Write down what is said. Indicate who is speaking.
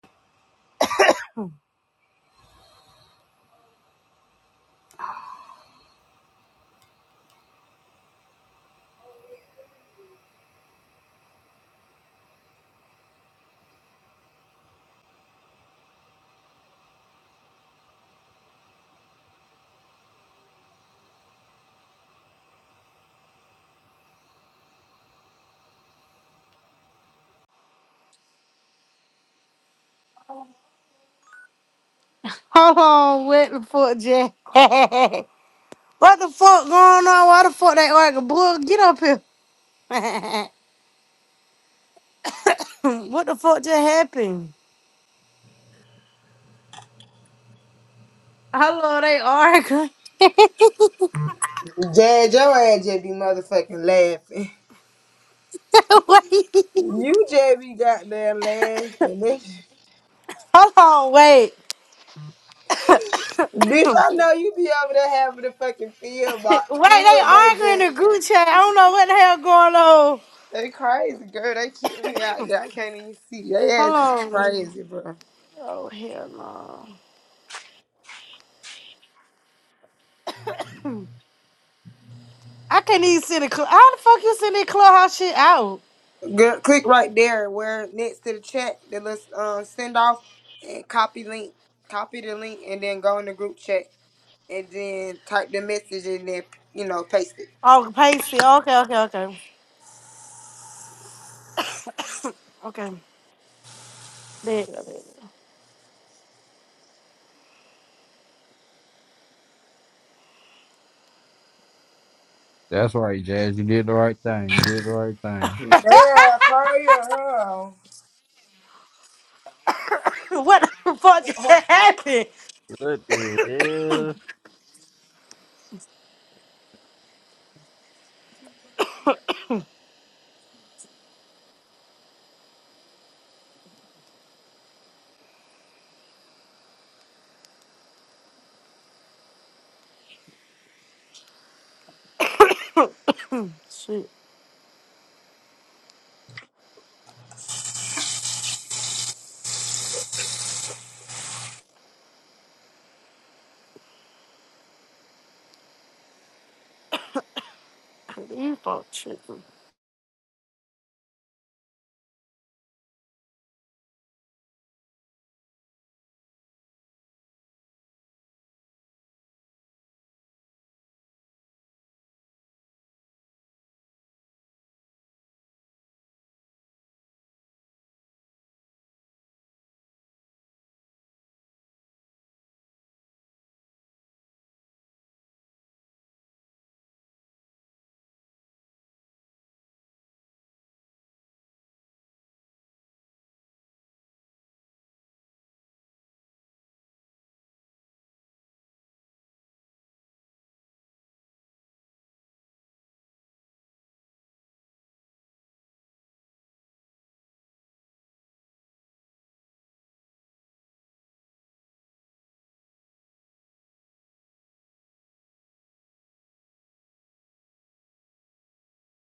Speaker 1: Hold on, what the fuck, Jack? what the fuck going on? Why the fuck they arguing? Boy, get up here. what the fuck just happened? Hello, they arguing.
Speaker 2: Jad, your ass just be motherfucking laughing.
Speaker 1: wait.
Speaker 2: You just be goddamn laughing. They-
Speaker 1: Hold on, wait.
Speaker 2: Bitch, I know you be over there having a fucking field,
Speaker 1: Wait,
Speaker 2: but
Speaker 1: they
Speaker 2: field they
Speaker 1: arguing in
Speaker 2: just
Speaker 1: the group chat. I don't know what the hell going on.
Speaker 2: they crazy, girl. They keep me out there. I can't even see. They ass is
Speaker 1: Hold on.
Speaker 2: crazy, bro.
Speaker 1: Oh, hell no. I can't even see the club. How the fuck you send that clubhouse shit out?
Speaker 2: Girl, click right there where next to the chat, the list um send off and copy link. Copy the link and then go in the group chat and then type the message and then you know paste it.
Speaker 1: Oh, pasty. Okay, okay, okay. okay. There you go.
Speaker 3: That's right, Jazz. You did the right thing. You did the right thing.
Speaker 2: Yeah, crazy,
Speaker 1: What the fuck just
Speaker 2: huh?
Speaker 1: happened? Shit, these folks, shit.